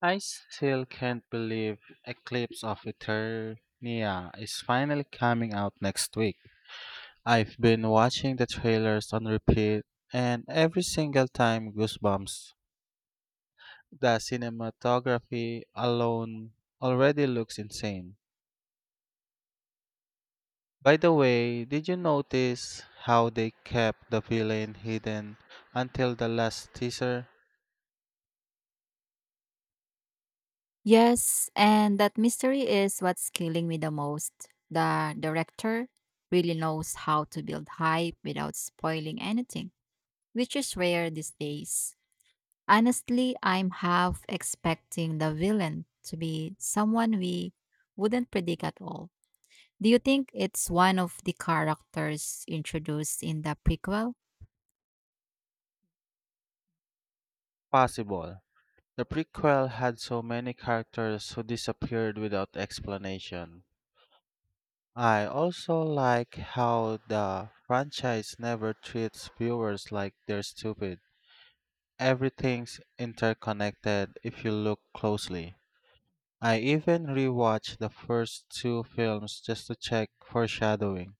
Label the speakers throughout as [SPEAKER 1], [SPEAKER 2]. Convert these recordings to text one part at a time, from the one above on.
[SPEAKER 1] I still can't believe Eclipse of Eternia is finally coming out next week. I've been watching the trailers on repeat, and every single time goosebumps. The cinematography alone already looks insane. By the way, did you notice how they kept the villain hidden until the last teaser?
[SPEAKER 2] Yes, and that mystery is what's killing me the most. The director really knows how to build hype without spoiling anything, which is rare these days. Honestly, I'm half expecting the villain to be someone we wouldn't predict at all. Do you think it's one of the characters introduced in the prequel?
[SPEAKER 1] Possible. The prequel had so many characters who disappeared without explanation. I also like how the franchise never treats viewers like they're stupid. Everything's interconnected if you look closely. I even rewatched the first two films just to check foreshadowing.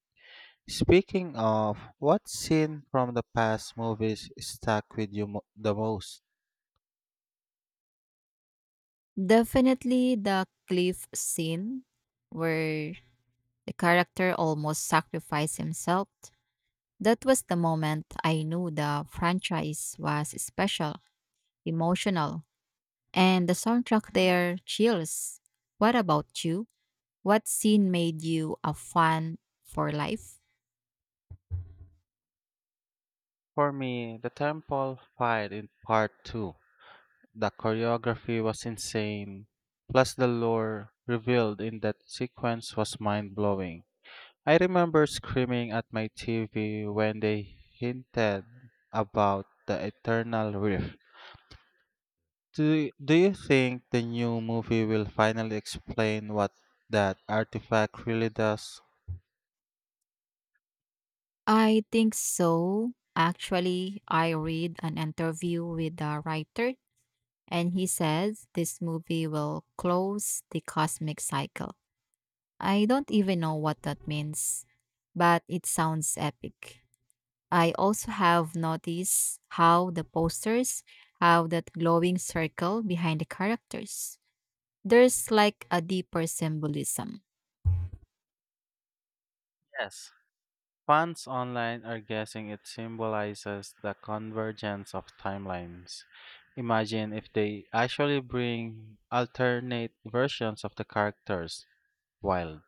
[SPEAKER 1] Speaking of, what scene from the past movies stuck with you the most?
[SPEAKER 2] Definitely the cliff scene where the character almost sacrificed himself. That was the moment I knew the franchise was special, emotional, and the soundtrack there chills. What about you? What scene made you a fan for life?
[SPEAKER 1] For me, the temple fight in part 2. The choreography was insane, plus the lore revealed in that sequence was mind blowing. I remember screaming at my TV when they hinted about the eternal rift. Do you think the new movie will finally explain what that artifact really does?
[SPEAKER 2] I think so. Actually, I read an interview with the writer, and he says this movie will close the cosmic cycle. I don't even know what that means, but it sounds epic. I also have noticed how the posters have that glowing circle behind the characters. There's like a deeper symbolism.
[SPEAKER 1] Yes, fans online are guessing it symbolizes the convergence of timelines. Imagine if they actually bring alternate versions of the characters. Wild.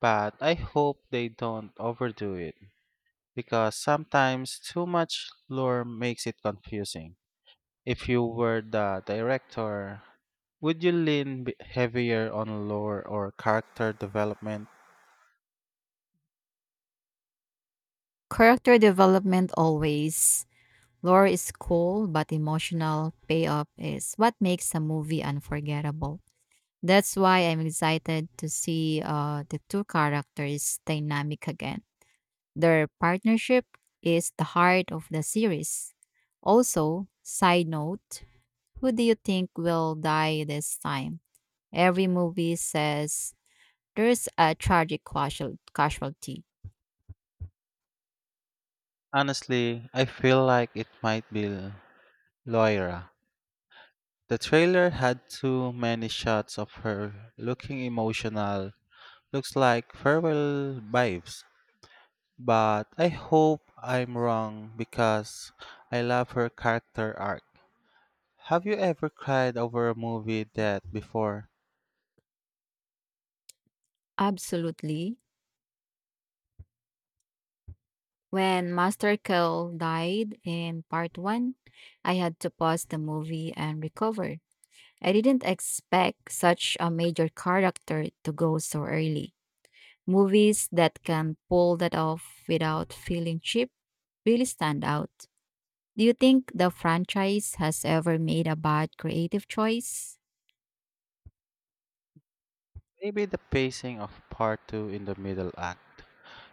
[SPEAKER 1] But I hope they don't overdo it, because sometimes too much lore makes it confusing. If you were the director, would you heavier on lore or character development?
[SPEAKER 2] Character development always. Lore is cool, but emotional payoff is what makes a movie unforgettable. That's why I'm excited to see the two characters' dynamic again. Their partnership is the heart of the series. Also, side note, who do you think will die this time? Every movie says there's a tragic casualty.
[SPEAKER 1] Honestly, I feel like it might be Loira. The trailer had too many shots of her looking emotional. Looks like farewell vibes. But I hope I'm wrong because I love her character arc. Have you ever cried over a movie that before?
[SPEAKER 2] Absolutely. When Master Kell died in part one, I had to pause the movie and recover. I didn't expect such a major character to go so early. Movies that can pull that off without feeling cheap really stand out. Do you think the franchise has ever made a bad creative choice?
[SPEAKER 1] Maybe the pacing of part 2 in the middle act.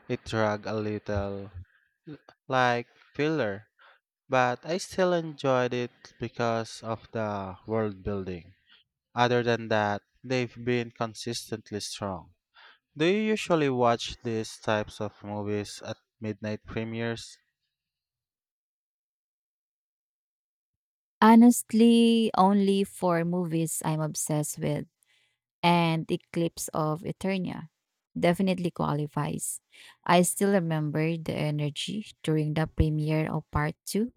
[SPEAKER 1] It dragged a little, like filler, but I still enjoyed it because of the world building. Other than that, they've been consistently strong. Do you usually watch these types of movies at midnight premieres?
[SPEAKER 2] Honestly, only four movies I'm obsessed with, and Eclipse of Eternia definitely qualifies. I still remember the energy during the premiere of part two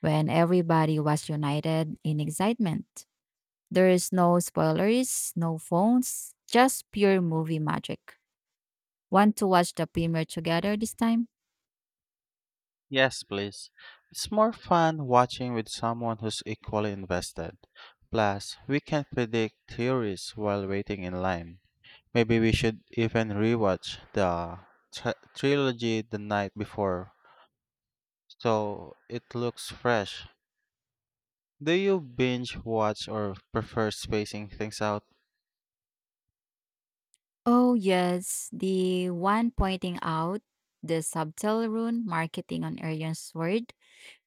[SPEAKER 2] when everybody was united in excitement. There is no spoilers, no phones, just pure movie magic. Want to watch the premiere together this time?
[SPEAKER 1] Yes, please. It's more fun watching with someone who's equally invested. Plus, we can predict theories while waiting in line. Maybe we should even rewatch the trilogy the night before so it looks fresh. Do you binge watch or prefer spacing things out?
[SPEAKER 2] Oh, yes, the one pointing out the subtle rune marketing on Arion's sword,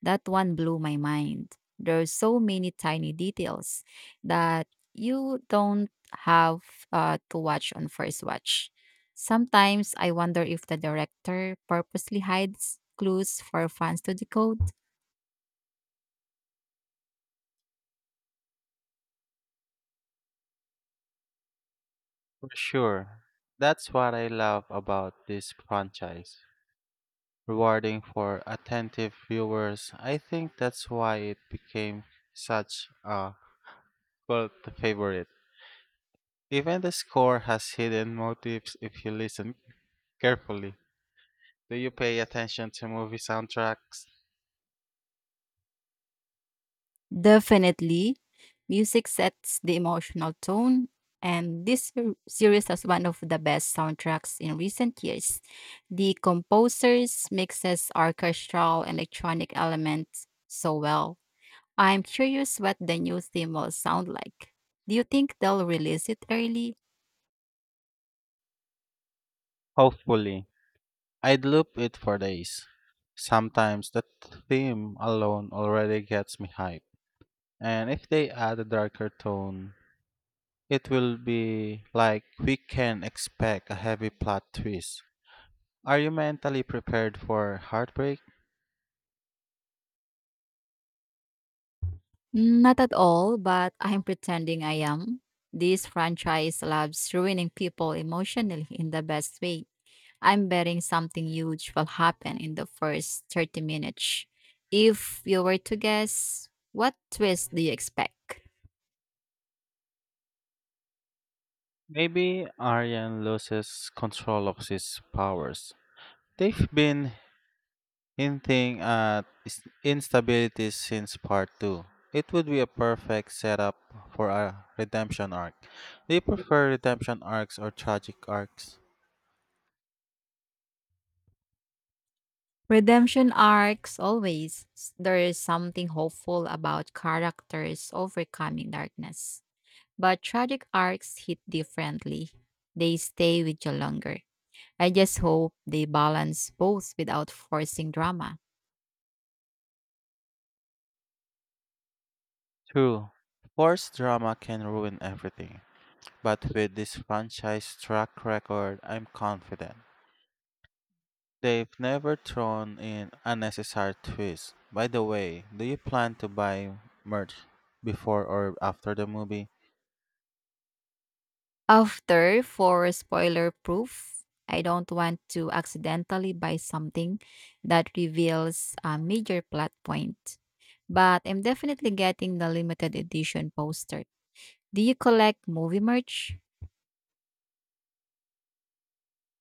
[SPEAKER 2] that one blew my mind. There's so many tiny details that you don't have to watch on first watch. Sometimes I wonder if the director purposely hides clues for fans to decode.
[SPEAKER 1] For sure. That's what I love about this franchise. Rewarding for attentive viewers, I think that's why it became such a cult favorite. Even the score has hidden motives if you listen carefully. Do you pay attention to movie soundtracks?
[SPEAKER 2] Definitely. Music sets the emotional tone, and this series has one of the best soundtracks in recent years. The composers mixes orchestral and electronic elements so well. I'm curious what the new theme will sound like. Do you think they'll release it early?
[SPEAKER 1] Hopefully. I'd loop it for days. Sometimes the theme alone already gets me hyped. And if they add a darker tone, it will be like we can expect a heavy plot twist. Are you mentally prepared for heartbreak?
[SPEAKER 2] Not at all, but I'm pretending I am. This franchise loves ruining people emotionally in the best way. I'm betting something huge will happen in the first 30 minutes. If you were to guess, what twist do you expect?
[SPEAKER 1] Maybe Aryan loses control of his powers. They've been instability since part 2. It would be a perfect setup for a redemption arc. Do you prefer redemption arcs or tragic arcs?
[SPEAKER 2] Redemption arcs, always. There is something hopeful about characters overcoming darkness. But tragic arcs hit differently, they stay with you longer. I just hope they balance both without forcing drama.
[SPEAKER 1] True. Forced drama can ruin everything. But with this franchise track record, I'm confident. They've never thrown in unnecessary twists. By the way, do you plan to buy merch before or after the movie?
[SPEAKER 2] After for spoiler proof, I don't want to accidentally buy something that reveals a major plot point. But I'm definitely getting the limited edition poster. Do you collect movie merch?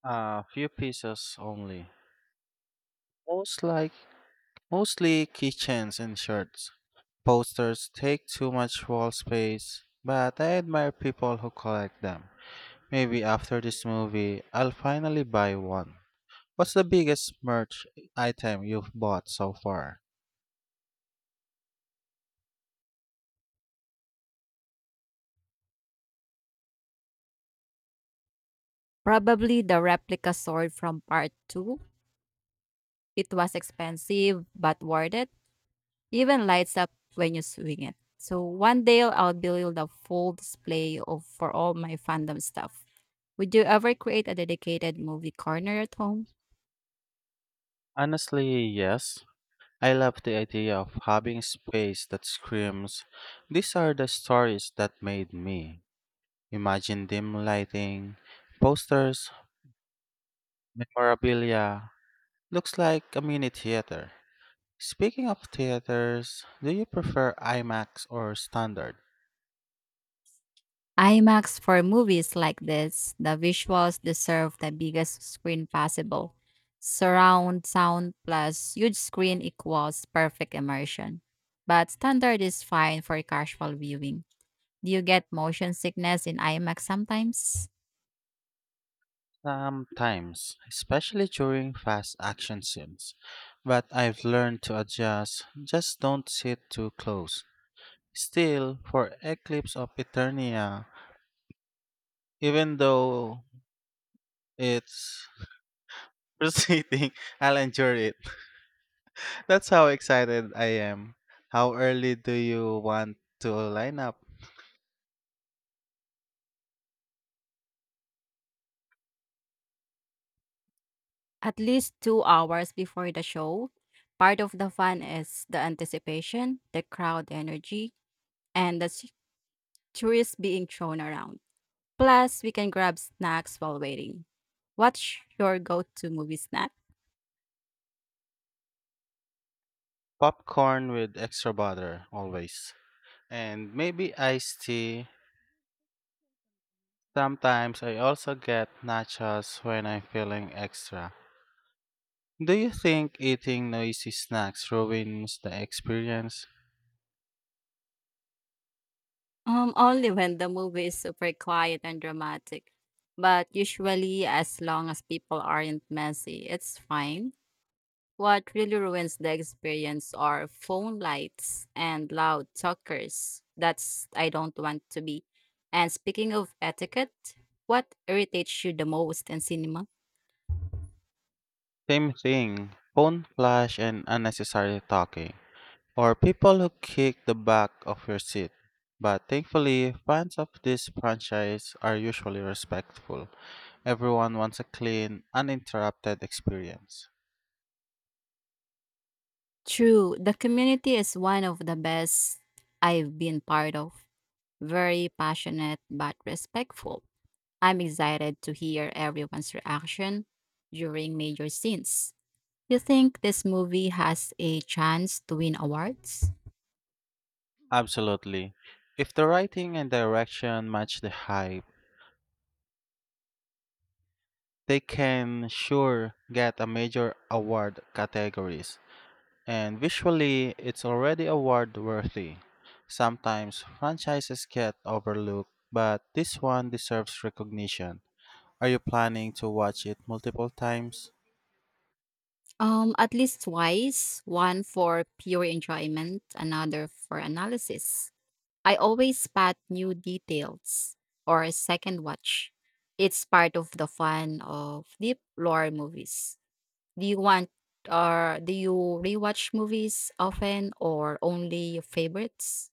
[SPEAKER 1] A few pieces only. Most like mostly keychains and shirts. Posters take too much wall space, but I admire people who collect them. Maybe after this movie, I'll finally buy one. What's the biggest merch item you've bought so far?
[SPEAKER 2] Probably the replica sword from part 2. It was expensive but worth it. Even lights up when you swing it. So one day I'll build a full display of for all my fandom stuff. Would you ever create a dedicated movie corner at home?
[SPEAKER 1] Honestly, yes. I love the idea of having space that screams, "These are the stories that made me." Imagine dim lighting, posters, memorabilia. Looks like a mini theater. Speaking of theaters, do you prefer IMAX or standard?
[SPEAKER 2] IMAX for movies like this, the visuals deserve the biggest screen possible. Surround sound plus huge screen equals perfect immersion. But standard is fine for casual viewing. Do you get motion sickness in IMAX sometimes?
[SPEAKER 1] Sometimes, especially during fast action scenes. But I've learned to adjust, just don't sit too close. Still, for Eclipse of Eternia, even though it's frustrating, I'll enjoy it. That's how excited I am. How early do you want to line up?
[SPEAKER 2] At least 2 hours before the show, part of the fun is the anticipation, the crowd energy, and the tourists being thrown around. Plus, we can grab snacks while waiting. What's your go to movie snack?
[SPEAKER 1] Popcorn with extra butter, always. And maybe iced tea. Sometimes I also get nachos when I'm feeling extra. Do you think eating noisy snacks ruins the experience?
[SPEAKER 2] Only when the movie is super quiet and dramatic. But usually, as long as people aren't messy, it's fine. What really ruins the experience are phone lights and loud talkers. That's I don't want to be. And speaking of etiquette, what irritates you the most in cinema?
[SPEAKER 1] Same thing. Phone flash and unnecessary talking, or people who kick the back of your seat. But thankfully, fans of this franchise are usually respectful. Everyone wants a clean, uninterrupted experience.
[SPEAKER 2] True, the community is one of the best I've been part of. Very passionate but respectful. I'm excited to hear everyone's reaction during major scenes. You think this movie has a chance to win awards?
[SPEAKER 1] Absolutely. If the writing and direction match the hype, they can sure get a major award categories. And visually, it's already award worthy. Sometimes franchises get overlooked, but this one deserves recognition. Are you planning to watch it multiple times?
[SPEAKER 2] At least twice, one for pure enjoyment, another for analysis. I always spot new details or a second watch. It's part of the fun of deep lore movies. Do you want or do you rewatch movies often or only your favorites?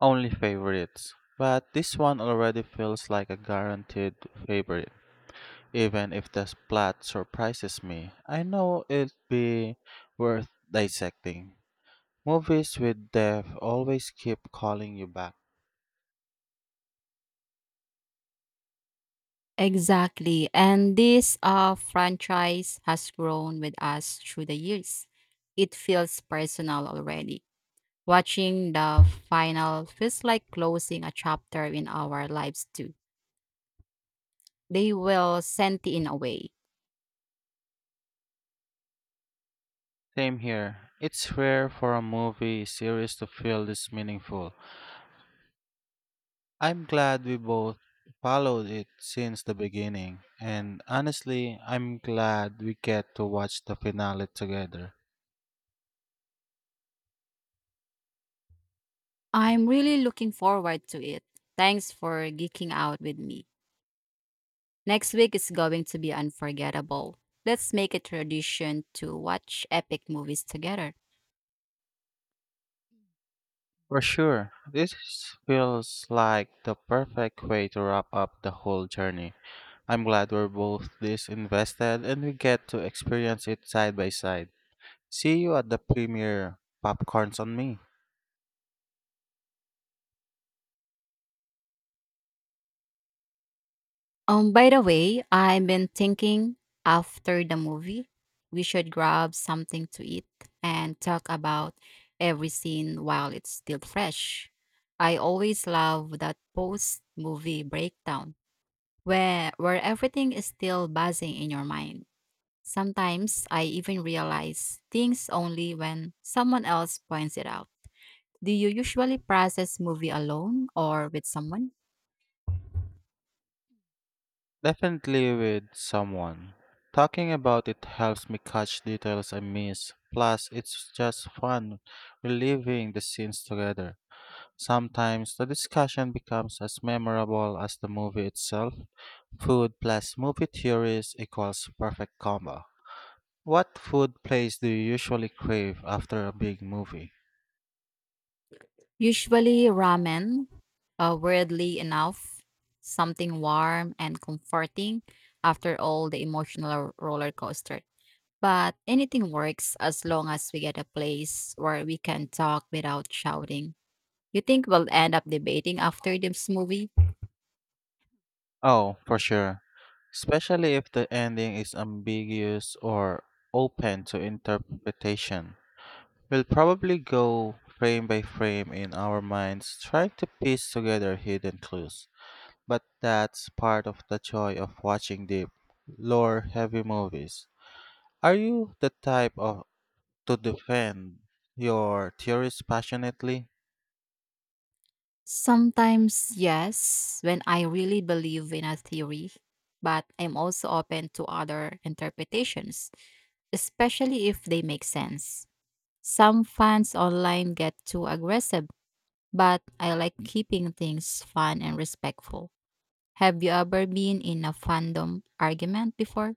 [SPEAKER 1] Only favorites. But this one already feels like a guaranteed favorite. Even if the plot surprises me, I know it'll be worth dissecting. Movies with depth always keep calling you back.
[SPEAKER 2] Exactly. And this franchise has grown with us through the years. It feels personal already. Watching the final feels like closing a chapter in our lives too. They will send it in a way.
[SPEAKER 1] Same here. It's rare for a movie series to feel this meaningful. I'm glad we both followed it since the beginning, and honestly, I'm glad we get to watch the finale together.
[SPEAKER 2] I'm really looking forward to it. Thanks for geeking out with me. Next week is going to be unforgettable. Let's make a tradition to watch epic movies together.
[SPEAKER 1] For sure, this feels like the perfect way to wrap up the whole journey. I'm glad we're both this invested and we get to experience it side by side. See you at the premiere. Popcorns on me.
[SPEAKER 2] By the way, I've been thinking after the movie, we should grab something to eat and talk about every scene while it's still fresh. I always love that post movie breakdown where everything is still buzzing in your mind. Sometimes I even realize things only when someone else points it out. Do you usually process movie alone or with someone?
[SPEAKER 1] Definitely with someone. Talking about it helps me catch details I miss. Plus, it's just fun reliving the scenes together. Sometimes the discussion becomes as memorable as the movie itself. Food plus movie theories equals perfect combo. What food place do you usually crave after a big movie?
[SPEAKER 2] Usually ramen, weirdly enough, something warm and comforting after all the emotional roller coaster. But anything works as long as we get a place where we can talk without shouting. You think we'll end up debating after this movie?
[SPEAKER 1] Oh, for sure. Especially if the ending is ambiguous or open to interpretation. We'll probably go frame by frame in our minds, trying to piece together hidden clues. But that's part of the joy of watching deep, lore heavy movies. Are you the type of to defend your theories passionately?
[SPEAKER 2] Sometimes, yes, when I really believe in a theory, but I'm also open to other interpretations, especially if they make sense. Some fans online get too aggressive, but I like keeping things fun and respectful. Have you ever been in a fandom argument before?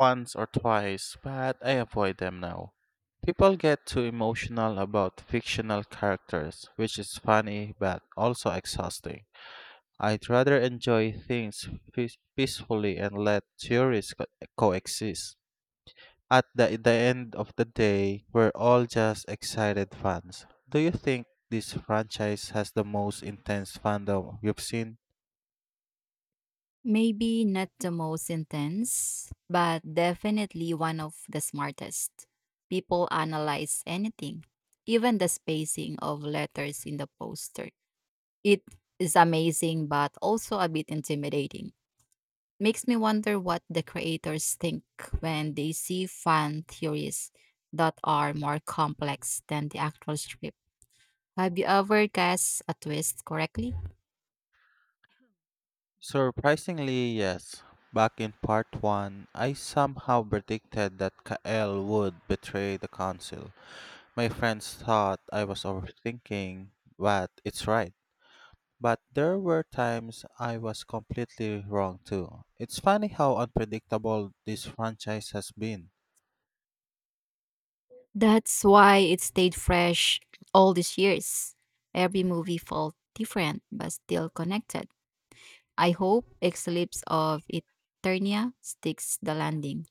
[SPEAKER 1] Once or twice, but I avoid them now. People get too emotional about fictional characters, which is funny but also exhausting. I'd rather enjoy things peacefully and let coexist. At the end of the day, we're all just excited fans. Do you think this franchise has the most intense fandom you've seen?
[SPEAKER 2] Maybe not the most intense, but definitely one of the smartest. People analyze anything, even the spacing of letters in the poster. It is amazing, but also a bit intimidating. Makes me wonder what the creators think when they see fan theories that are more complex than the actual script. Have you ever guessed a twist correctly?
[SPEAKER 1] Surprisingly, yes. Back in part 1, I somehow predicted that Kael would betray the council. My friends thought I was overthinking, but it's right. But there were times I was completely wrong too. It's funny how unpredictable this franchise has been.
[SPEAKER 2] That's why it stayed fresh all these years. Every movie felt different but still connected. I hope Eclipse of Eternia sticks the landing.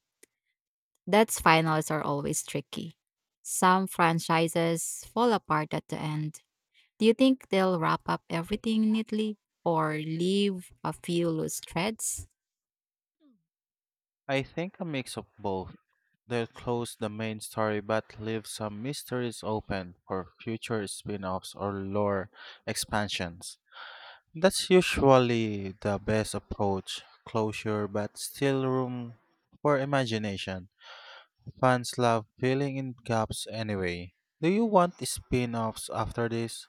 [SPEAKER 2] That's finals are always tricky. Some franchises fall apart at the end. Do you think they'll wrap up everything neatly or leave a few loose threads?
[SPEAKER 1] I think a mix of both. They'll close the main story but leave some mysteries open for future spin offs or lore expansions. That's usually the best approach closure, but still room for imagination. Fans love filling in gaps anyway. Do you want spin offs after this?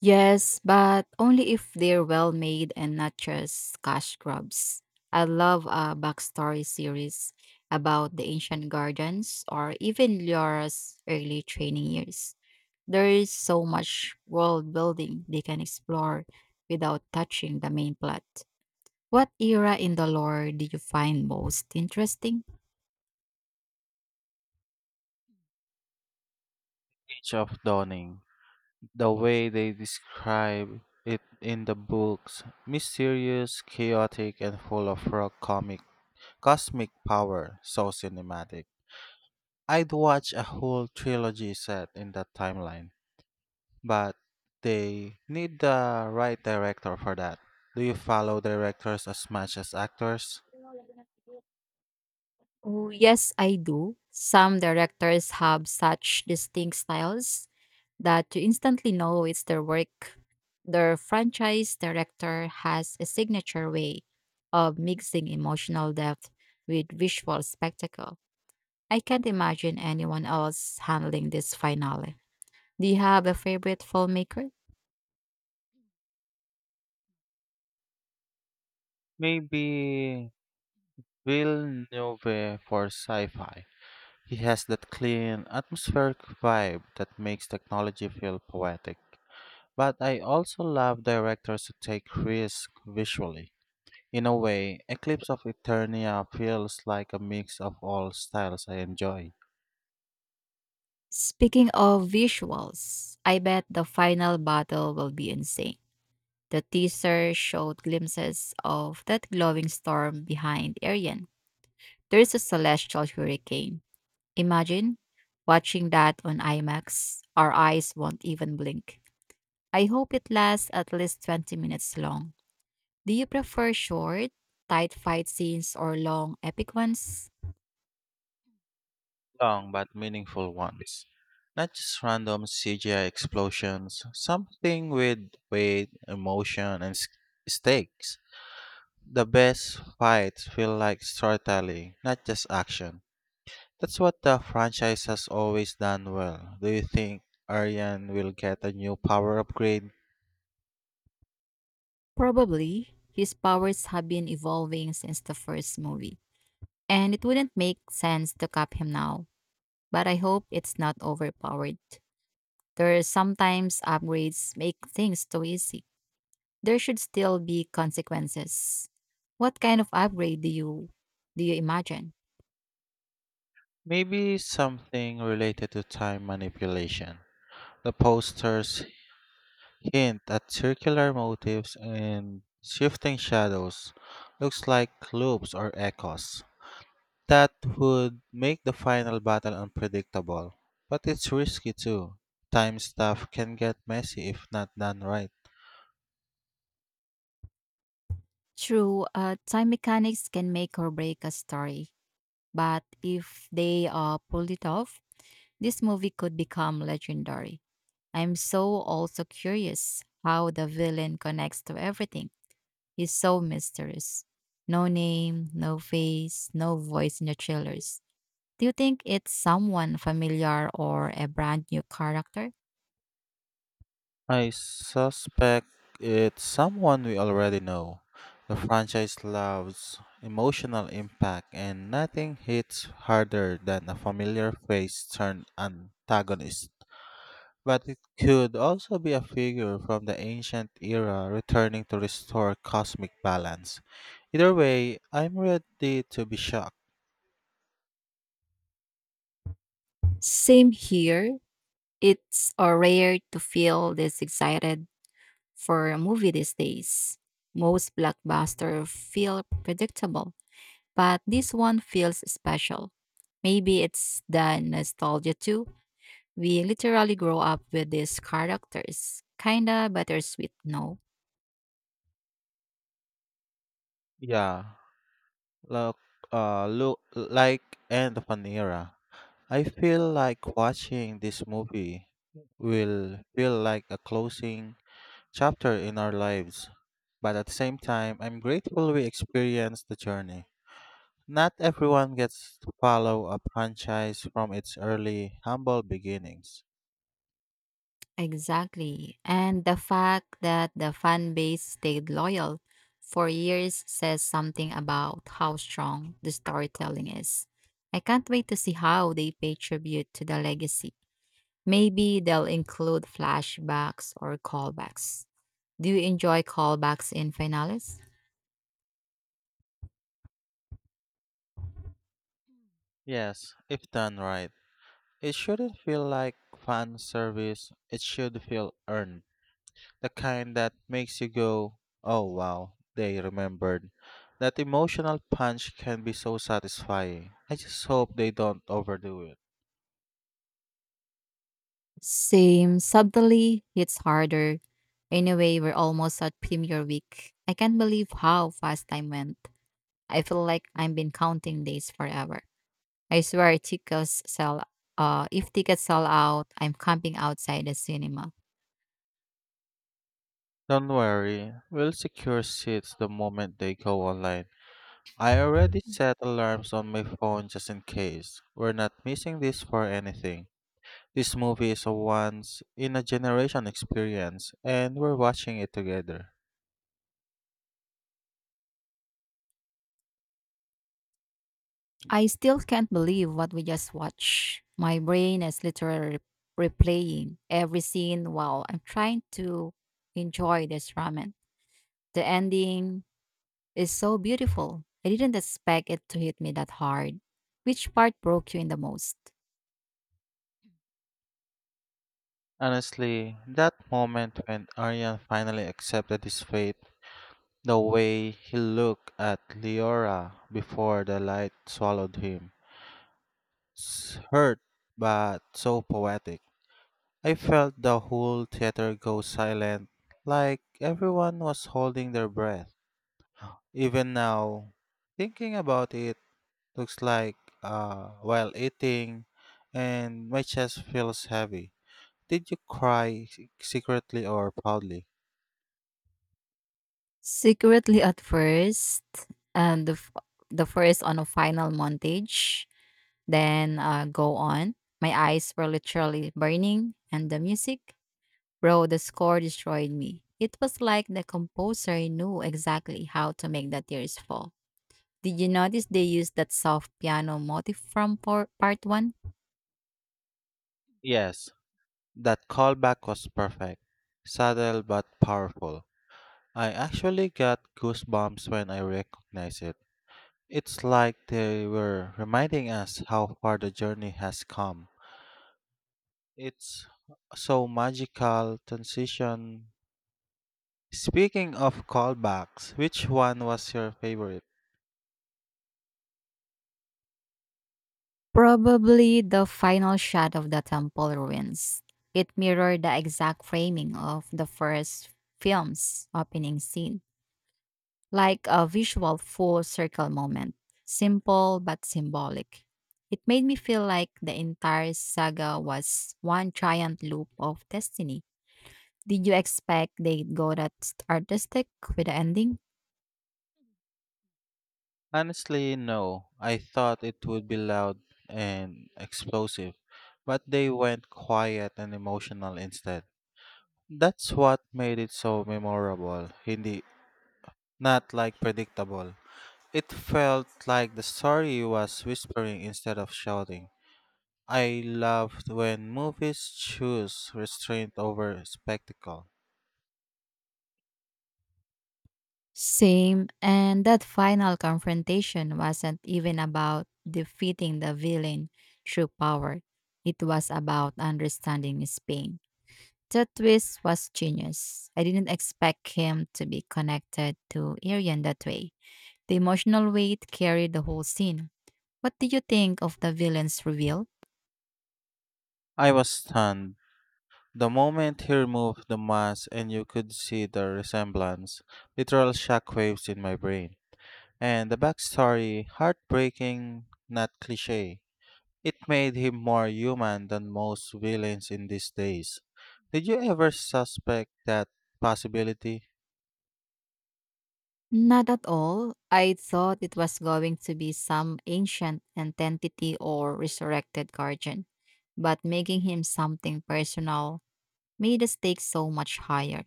[SPEAKER 2] Yes, but only if they're well made and not just cash grabs. I love a backstory series about the ancient gardens or even Liora's early training years. There is so much world building they can explore without touching the main plot. What era in the lore did you find most interesting?
[SPEAKER 1] Age of Dawning. The way they describe it in the books, mysterious, chaotic, and full of raw comic cosmic power, so cinematic. I'd watch a whole trilogy set in that timeline, but they need the right director for that. Do you follow directors as much as actors?
[SPEAKER 2] Oh, yes, I do. Some directors have such distinct styles that you instantly know it's their work. Their franchise director has a signature way of mixing emotional depth with visual spectacle. I can't imagine anyone else handling this finale. Do you have a favorite filmmaker?
[SPEAKER 1] Maybe Villeneuve for sci-fi. He has that clean, atmospheric vibe that makes technology feel poetic. But I also love directors who take risks visually. In a way, Eclipse of Eternia feels like a mix of all styles I enjoy,
[SPEAKER 2] Speaking of visuals, I bet the final battle will be insane. The teaser showed glimpses of that glowing storm behind Arian. There is a celestial hurricane. Imagine watching that on IMAX. Our eyes won't even blink. I hope it lasts at least 20 minutes long. Do you prefer short, tight fight scenes or long, epic ones?
[SPEAKER 1] long but meaningful ones. Not just random CGI explosions, something with weight, emotion, stakes. The best fights feel like storytelling, not just action. That's what the franchise has always done well. Do you think Aryan will get a new power upgrade?
[SPEAKER 2] Probably. His powers have been evolving since the first movie, and it wouldn't make sense to cap him now. But I hope it's not overpowered. There are sometimes upgrades make things too easy. There should still be consequences. What kind of upgrade do you imagine?
[SPEAKER 1] Maybe something related to time manipulation. The posters hint at circular motifs and shifting shadows, looks like loops or echoes. That would make the final battle unpredictable. But it's risky too. Time stuff can get messy if not done right.
[SPEAKER 2] True, time mechanics can make or break a story, but if they pulled it off, this movie could become legendary. I'm so also curious how the villain connects to everything. He's so mysterious. No name, no face, no voice in the trailers. Do you think it's someone familiar or a brand new character?
[SPEAKER 1] I suspect it's someone we already know. The franchise loves emotional impact, and nothing hits harder than a familiar face turned antagonist. But it could also be a figure from the ancient era returning to restore cosmic balance. Either way, I'm ready to be shocked.
[SPEAKER 2] Same here. It's rare to feel this excited for a movie these days. Most blockbusters feel predictable, but this one feels special. Maybe it's the nostalgia too. We literally grow up with these characters. Kinda bittersweet, no?
[SPEAKER 1] Yeah, look, look like end of an era. I feel like watching this movie will feel like a closing chapter in our lives. But at the same time, I'm grateful we experienced the journey. Not everyone gets to follow a franchise from its early, humble beginnings.
[SPEAKER 2] Exactly. And the fact that the fan base stayed loyal for years says something about how strong the storytelling is. I can't wait to see how they pay tribute to the legacy. Maybe they'll include flashbacks or callbacks. Do you enjoy callbacks in finales?
[SPEAKER 1] Yes, if done right, it shouldn't feel like fan service, it should feel earned. The kind that makes you go, "Oh wow, they remembered." That emotional punch can be so satisfying. I just hope they don't overdo it.
[SPEAKER 2] Same, subtly, it's harder. Anyway, we're almost at Premier Week. I can't believe how fast time went. I feel like I've been counting days forever. I swear tickets sell If tickets sell out, I'm camping outside the cinema.
[SPEAKER 1] Don't worry, we'll secure seats the moment they go online. I already set alarms on my phone just in case. We're not missing this for anything. This movie is a once in a generation experience, and we're watching it together.
[SPEAKER 2] I still can't believe what we just watched. My brain is literally replaying every scene while I'm trying to enjoy this ramen. The ending is so beautiful. I didn't expect it to hit me that hard. Which part broke you in the most?
[SPEAKER 1] Honestly, that moment when Aryan finally accepted his fate, the way he looked at Leora before the light swallowed him. Hurt, but so poetic. I felt the whole theater go silent, like everyone was holding their breath. Even now, thinking about it, looks like while eating, and my chest feels heavy. Did you cry secretly or proudly?
[SPEAKER 2] Secretly at first, and the, f- the first on a final montage then go on. My eyes were literally burning, and the music, bro, the score destroyed me. It was like the composer knew exactly how to make the tears fall. Did you notice they used that soft piano motif from part one?
[SPEAKER 1] Yes, that callback was perfect, subtle but powerful. I actually got goosebumps when I recognized it. It's like they were reminding us how far the journey has come. It's so magical transition. Speaking of callbacks, which one was your favorite?
[SPEAKER 2] Probably the final shot of the temple ruins. It mirrored the exact framing of the first film's opening scene, like a visual full circle moment, simple but symbolic. It made me feel like the entire saga was one giant loop of destiny. Did you expect they'd go that artistic with the ending?
[SPEAKER 1] Honestly, no. I thought it would be loud and explosive, but they went quiet and emotional instead. That's what made it so memorable, hindi not like predictable. It felt like the story was whispering instead of shouting. I loved when movies choose restraint over spectacle.
[SPEAKER 2] Same, and that final confrontation wasn't even about defeating the villain through power. It was about understanding his pain. That twist was genius. I didn't expect him to be connected to Arian that way. The emotional weight carried the whole scene. What did you think of the villain's reveal?
[SPEAKER 1] I was stunned. The moment he removed the mask and you could see the resemblance, literal shockwaves in my brain. And the backstory, heartbreaking, not cliche. It made him more human than most villains in these days. Did you ever suspect that possibility?
[SPEAKER 2] Not at all. I thought it was going to be some ancient entity or resurrected guardian, but making him something personal made the stakes so much higher,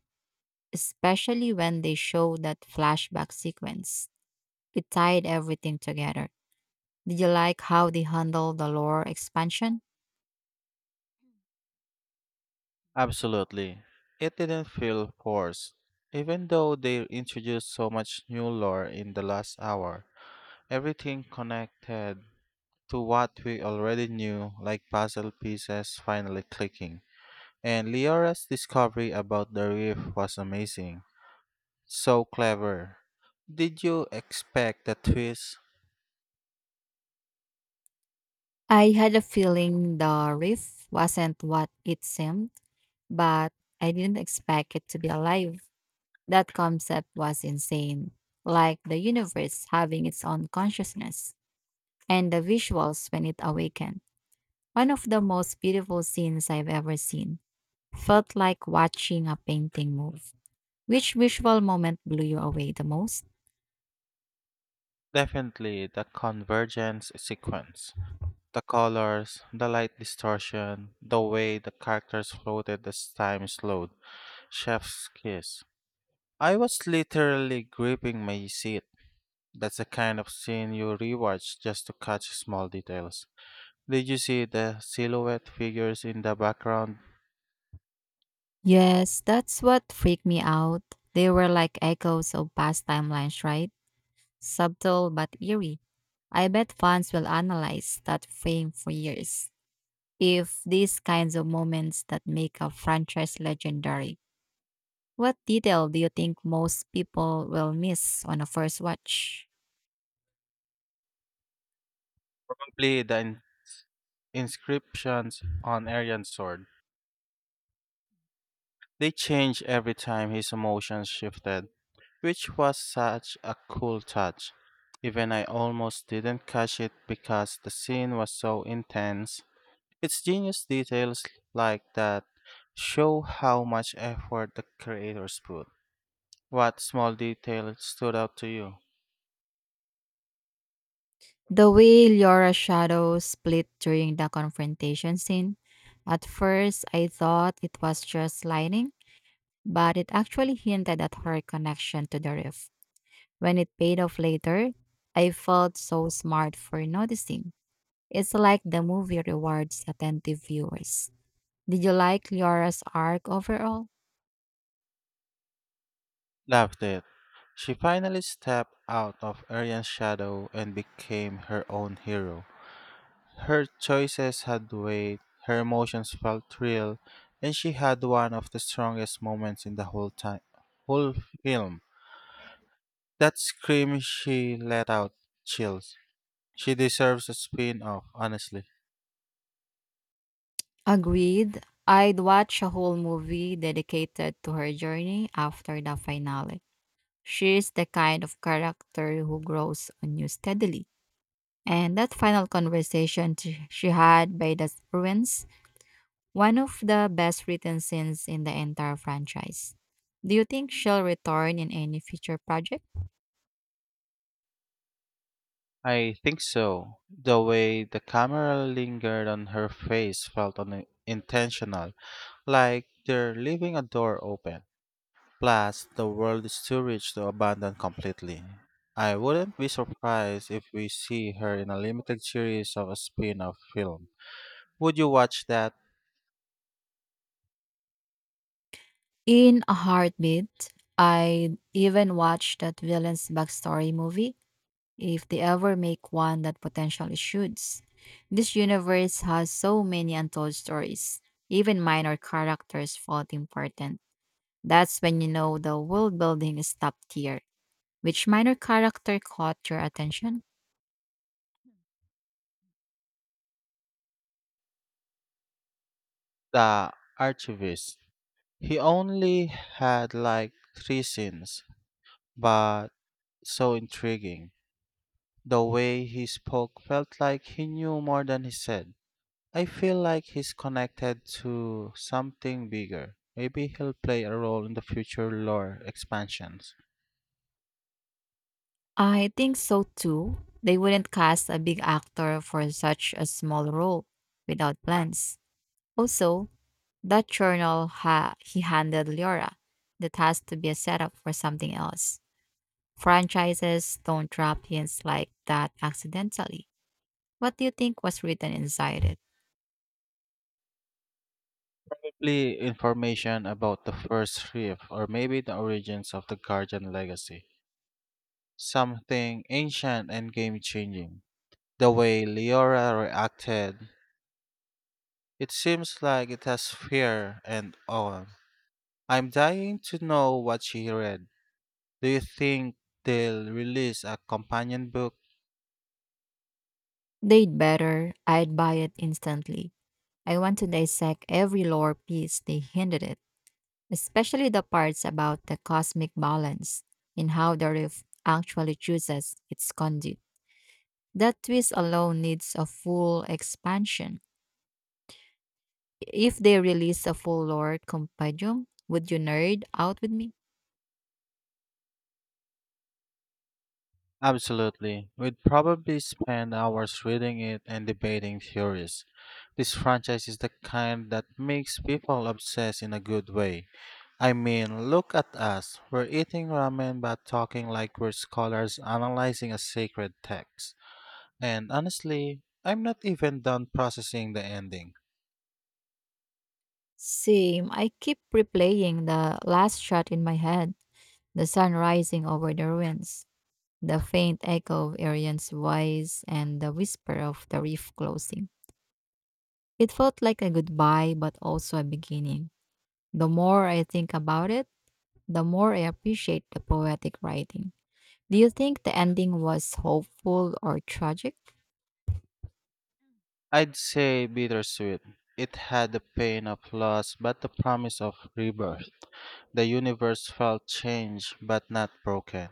[SPEAKER 2] especially when they showed that flashback sequence. It tied everything together. Did you like how they handled the lore expansion?
[SPEAKER 1] Absolutely. It didn't feel forced. Even though they introduced so much new lore in the last hour, everything connected to what we already knew, like puzzle pieces finally clicking. And Leora's discovery about the reef was amazing. So clever. Did you expect the twist?
[SPEAKER 2] I had a feeling the riff wasn't what it seemed, but I didn't expect it to be alive. That concept was insane, like the universe having its own consciousness and the visuals when it awakened. One of the most beautiful scenes I've ever seen. Felt like watching a painting move. Which visual moment blew you away the most?
[SPEAKER 1] Definitely the convergence sequence. The colors, the light distortion, the way the characters floated as time slowed, chef's kiss. I was literally gripping my seat. That's the kind of scene you rewatch just to catch small details. Did you see the silhouette figures in the background?
[SPEAKER 2] Yes, that's what freaked me out. They were like echoes of past timelines, right? Subtle but eerie. I bet fans will analyze that frame for years. If these kinds of moments that make a franchise legendary, what detail do you think most people will miss on a first watch?
[SPEAKER 1] Complete the inscriptions on Aryan's sword. They changed every time his emotions shifted, which was such a cool touch. Even I almost didn't catch it because the scene was so intense. It's genius details like that show how much effort the creators put. What small detail stood out to you?
[SPEAKER 2] The way Laura's shadow split during the confrontation scene. At first, I thought it was just lighting, but it actually hinted at her connection to the roof. When it paid off later, I felt so smart for noticing. It's like the movie rewards attentive viewers. Did you like Liara's arc overall?
[SPEAKER 1] Loved it. She finally stepped out of Aryan's shadow and became her own hero. Her choices had weight, her emotions felt real, and she had one of the strongest moments in the whole film. That scream she let out, chills. She deserves a spin-off, honestly.
[SPEAKER 2] Agreed. I'd watch a whole movie dedicated to her journey after the finale. She's the kind of character who grows on you steadily. And that final conversation she had by the ruins, one of the best written scenes in the entire franchise. Do you think she'll return in any future project?
[SPEAKER 1] I think so. The way the camera lingered on her face felt unintentional, like they're leaving a door open. Plus, the world is too rich to abandon completely. I wouldn't be surprised if we see her in a limited series of a spin off film. Would you watch that?
[SPEAKER 2] In a heartbeat, I even watched that villain's backstory movie if they ever make one that potentially should. This universe has so many untold stories. Even minor characters felt important. That's when you know the world building is top tier. Which minor character caught your attention?
[SPEAKER 1] The Archivist. He only had like three scenes, but so intriguing. The way he spoke felt like he knew more than he said. I feel like he's connected to something bigger. Maybe he'll play a role in the future lore expansions.
[SPEAKER 2] I think so too. They wouldn't cast a big actor for such a small role without plans. Also, that journal he handed Leora, that has to be a setup for something else. Franchises don't drop hints like that accidentally. What do you think was written inside it?
[SPEAKER 1] Probably information about the first reef or maybe the origins of the Guardian legacy. Something ancient and game changing. The way Leora reacted, it seems like it has fear and awe. I'm dying to know what she read. Do you think they'll release a companion book?
[SPEAKER 2] They'd better. I'd buy it instantly. I want to dissect every lore piece they hinted at, especially the parts about the cosmic balance and how the rift actually chooses its conduit. That twist alone needs a full expansion. If they release a full lore compendium, would you nerd out with me?
[SPEAKER 1] Absolutely. We'd probably spend hours reading it and debating theories. This franchise is the kind that makes people obsessed in a good way. I mean, look at us. We're eating ramen but talking like we're scholars analyzing a sacred text. And honestly, I'm not even done processing the ending.
[SPEAKER 2] Same, I keep replaying the last shot in my head, the sun rising over the ruins, the faint echo of Arian's voice, and the whisper of the reef closing. It felt like a goodbye, but also a beginning. The more I think about it, the more I appreciate the poetic writing. Do you think the ending was hopeful or tragic?
[SPEAKER 1] I'd say bittersweet. It had the pain of loss but the promise of rebirth. The universe felt changed but not broken.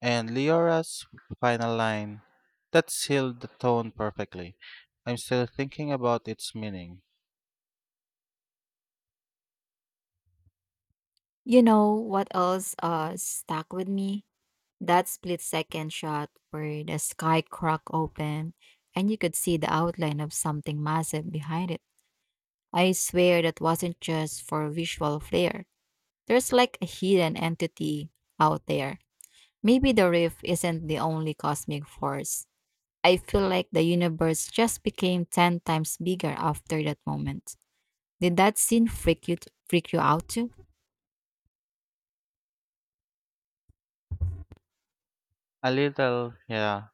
[SPEAKER 1] And Leora's final line, that sealed the tone perfectly. I'm still thinking about its meaning.
[SPEAKER 2] You know what else stuck with me? That split second shot where the sky cracked open and you could see the outline of something massive behind it. I swear that wasn't just for visual flair. There's like a hidden entity out there. Maybe the rift isn't the only cosmic force. I feel like the universe just became 10 times bigger after that moment. Did that scene freak you out too?
[SPEAKER 1] A little, yeah.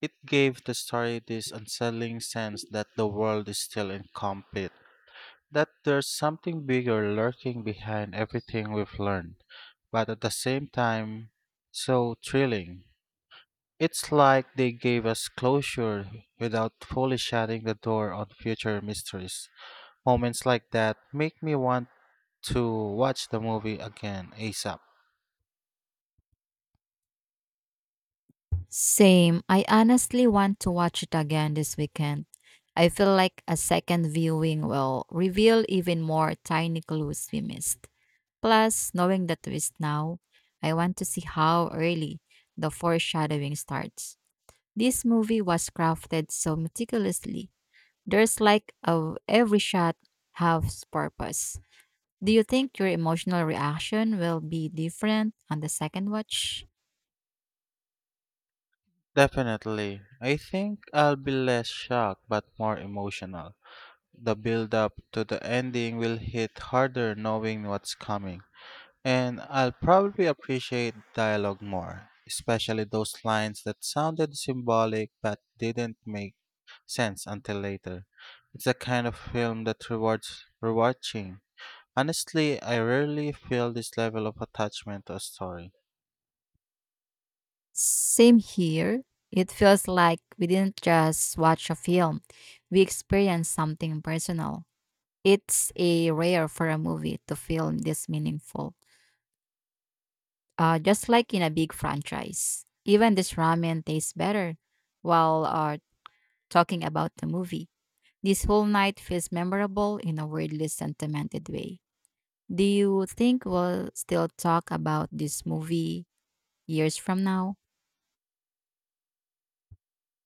[SPEAKER 1] It gave the story this unsettling sense that the world is still incomplete, that there's something bigger lurking behind everything we've learned, but at the same time, so thrilling. It's like they gave us closure without fully shutting the door on future mysteries. Moments like that make me want to watch the movie again, ASAP.
[SPEAKER 2] Same. I honestly want to watch it again this weekend. I feel like a second viewing will reveal even more tiny clues we missed. Plus, knowing the twist now, I want to see how early the foreshadowing starts. This movie was crafted so meticulously. There's like of every shot has purpose. Do you think your emotional reaction will be different on the second watch?
[SPEAKER 1] Definitely. I think I'll be less shocked but more emotional. The build up to the ending will hit harder knowing what's coming. And I'll probably appreciate dialogue more, especially those lines that sounded symbolic but didn't make sense until later. It's the kind of film that rewards rewatching. Honestly, I rarely feel this level of attachment to a story.
[SPEAKER 2] Same here. It feels like we didn't just watch a film, we experienced something personal. It's a rare for a movie to feel this meaningful, just like in a big franchise. Even this ramen tastes better while talking about the movie. This whole night feels memorable in a weirdly sentimented way. Do you think we'll still talk about this movie years from now?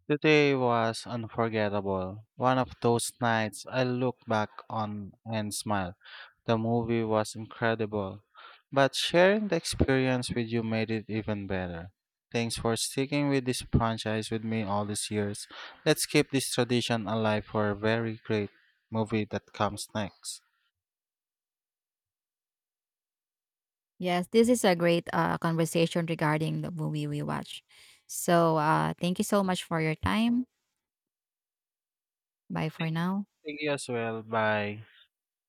[SPEAKER 1] Today was unforgettable. One of those nights I look back on and smile. The movie was incredible, but sharing the experience with you made it even better. Thanks for sticking with this franchise with me all these years. Let's keep this tradition alive for a very great movie that comes next.
[SPEAKER 2] Yes, this is a great conversation regarding the movie we watch. So, thank you so much for your time. Bye for now.
[SPEAKER 1] Thank you as well. Bye.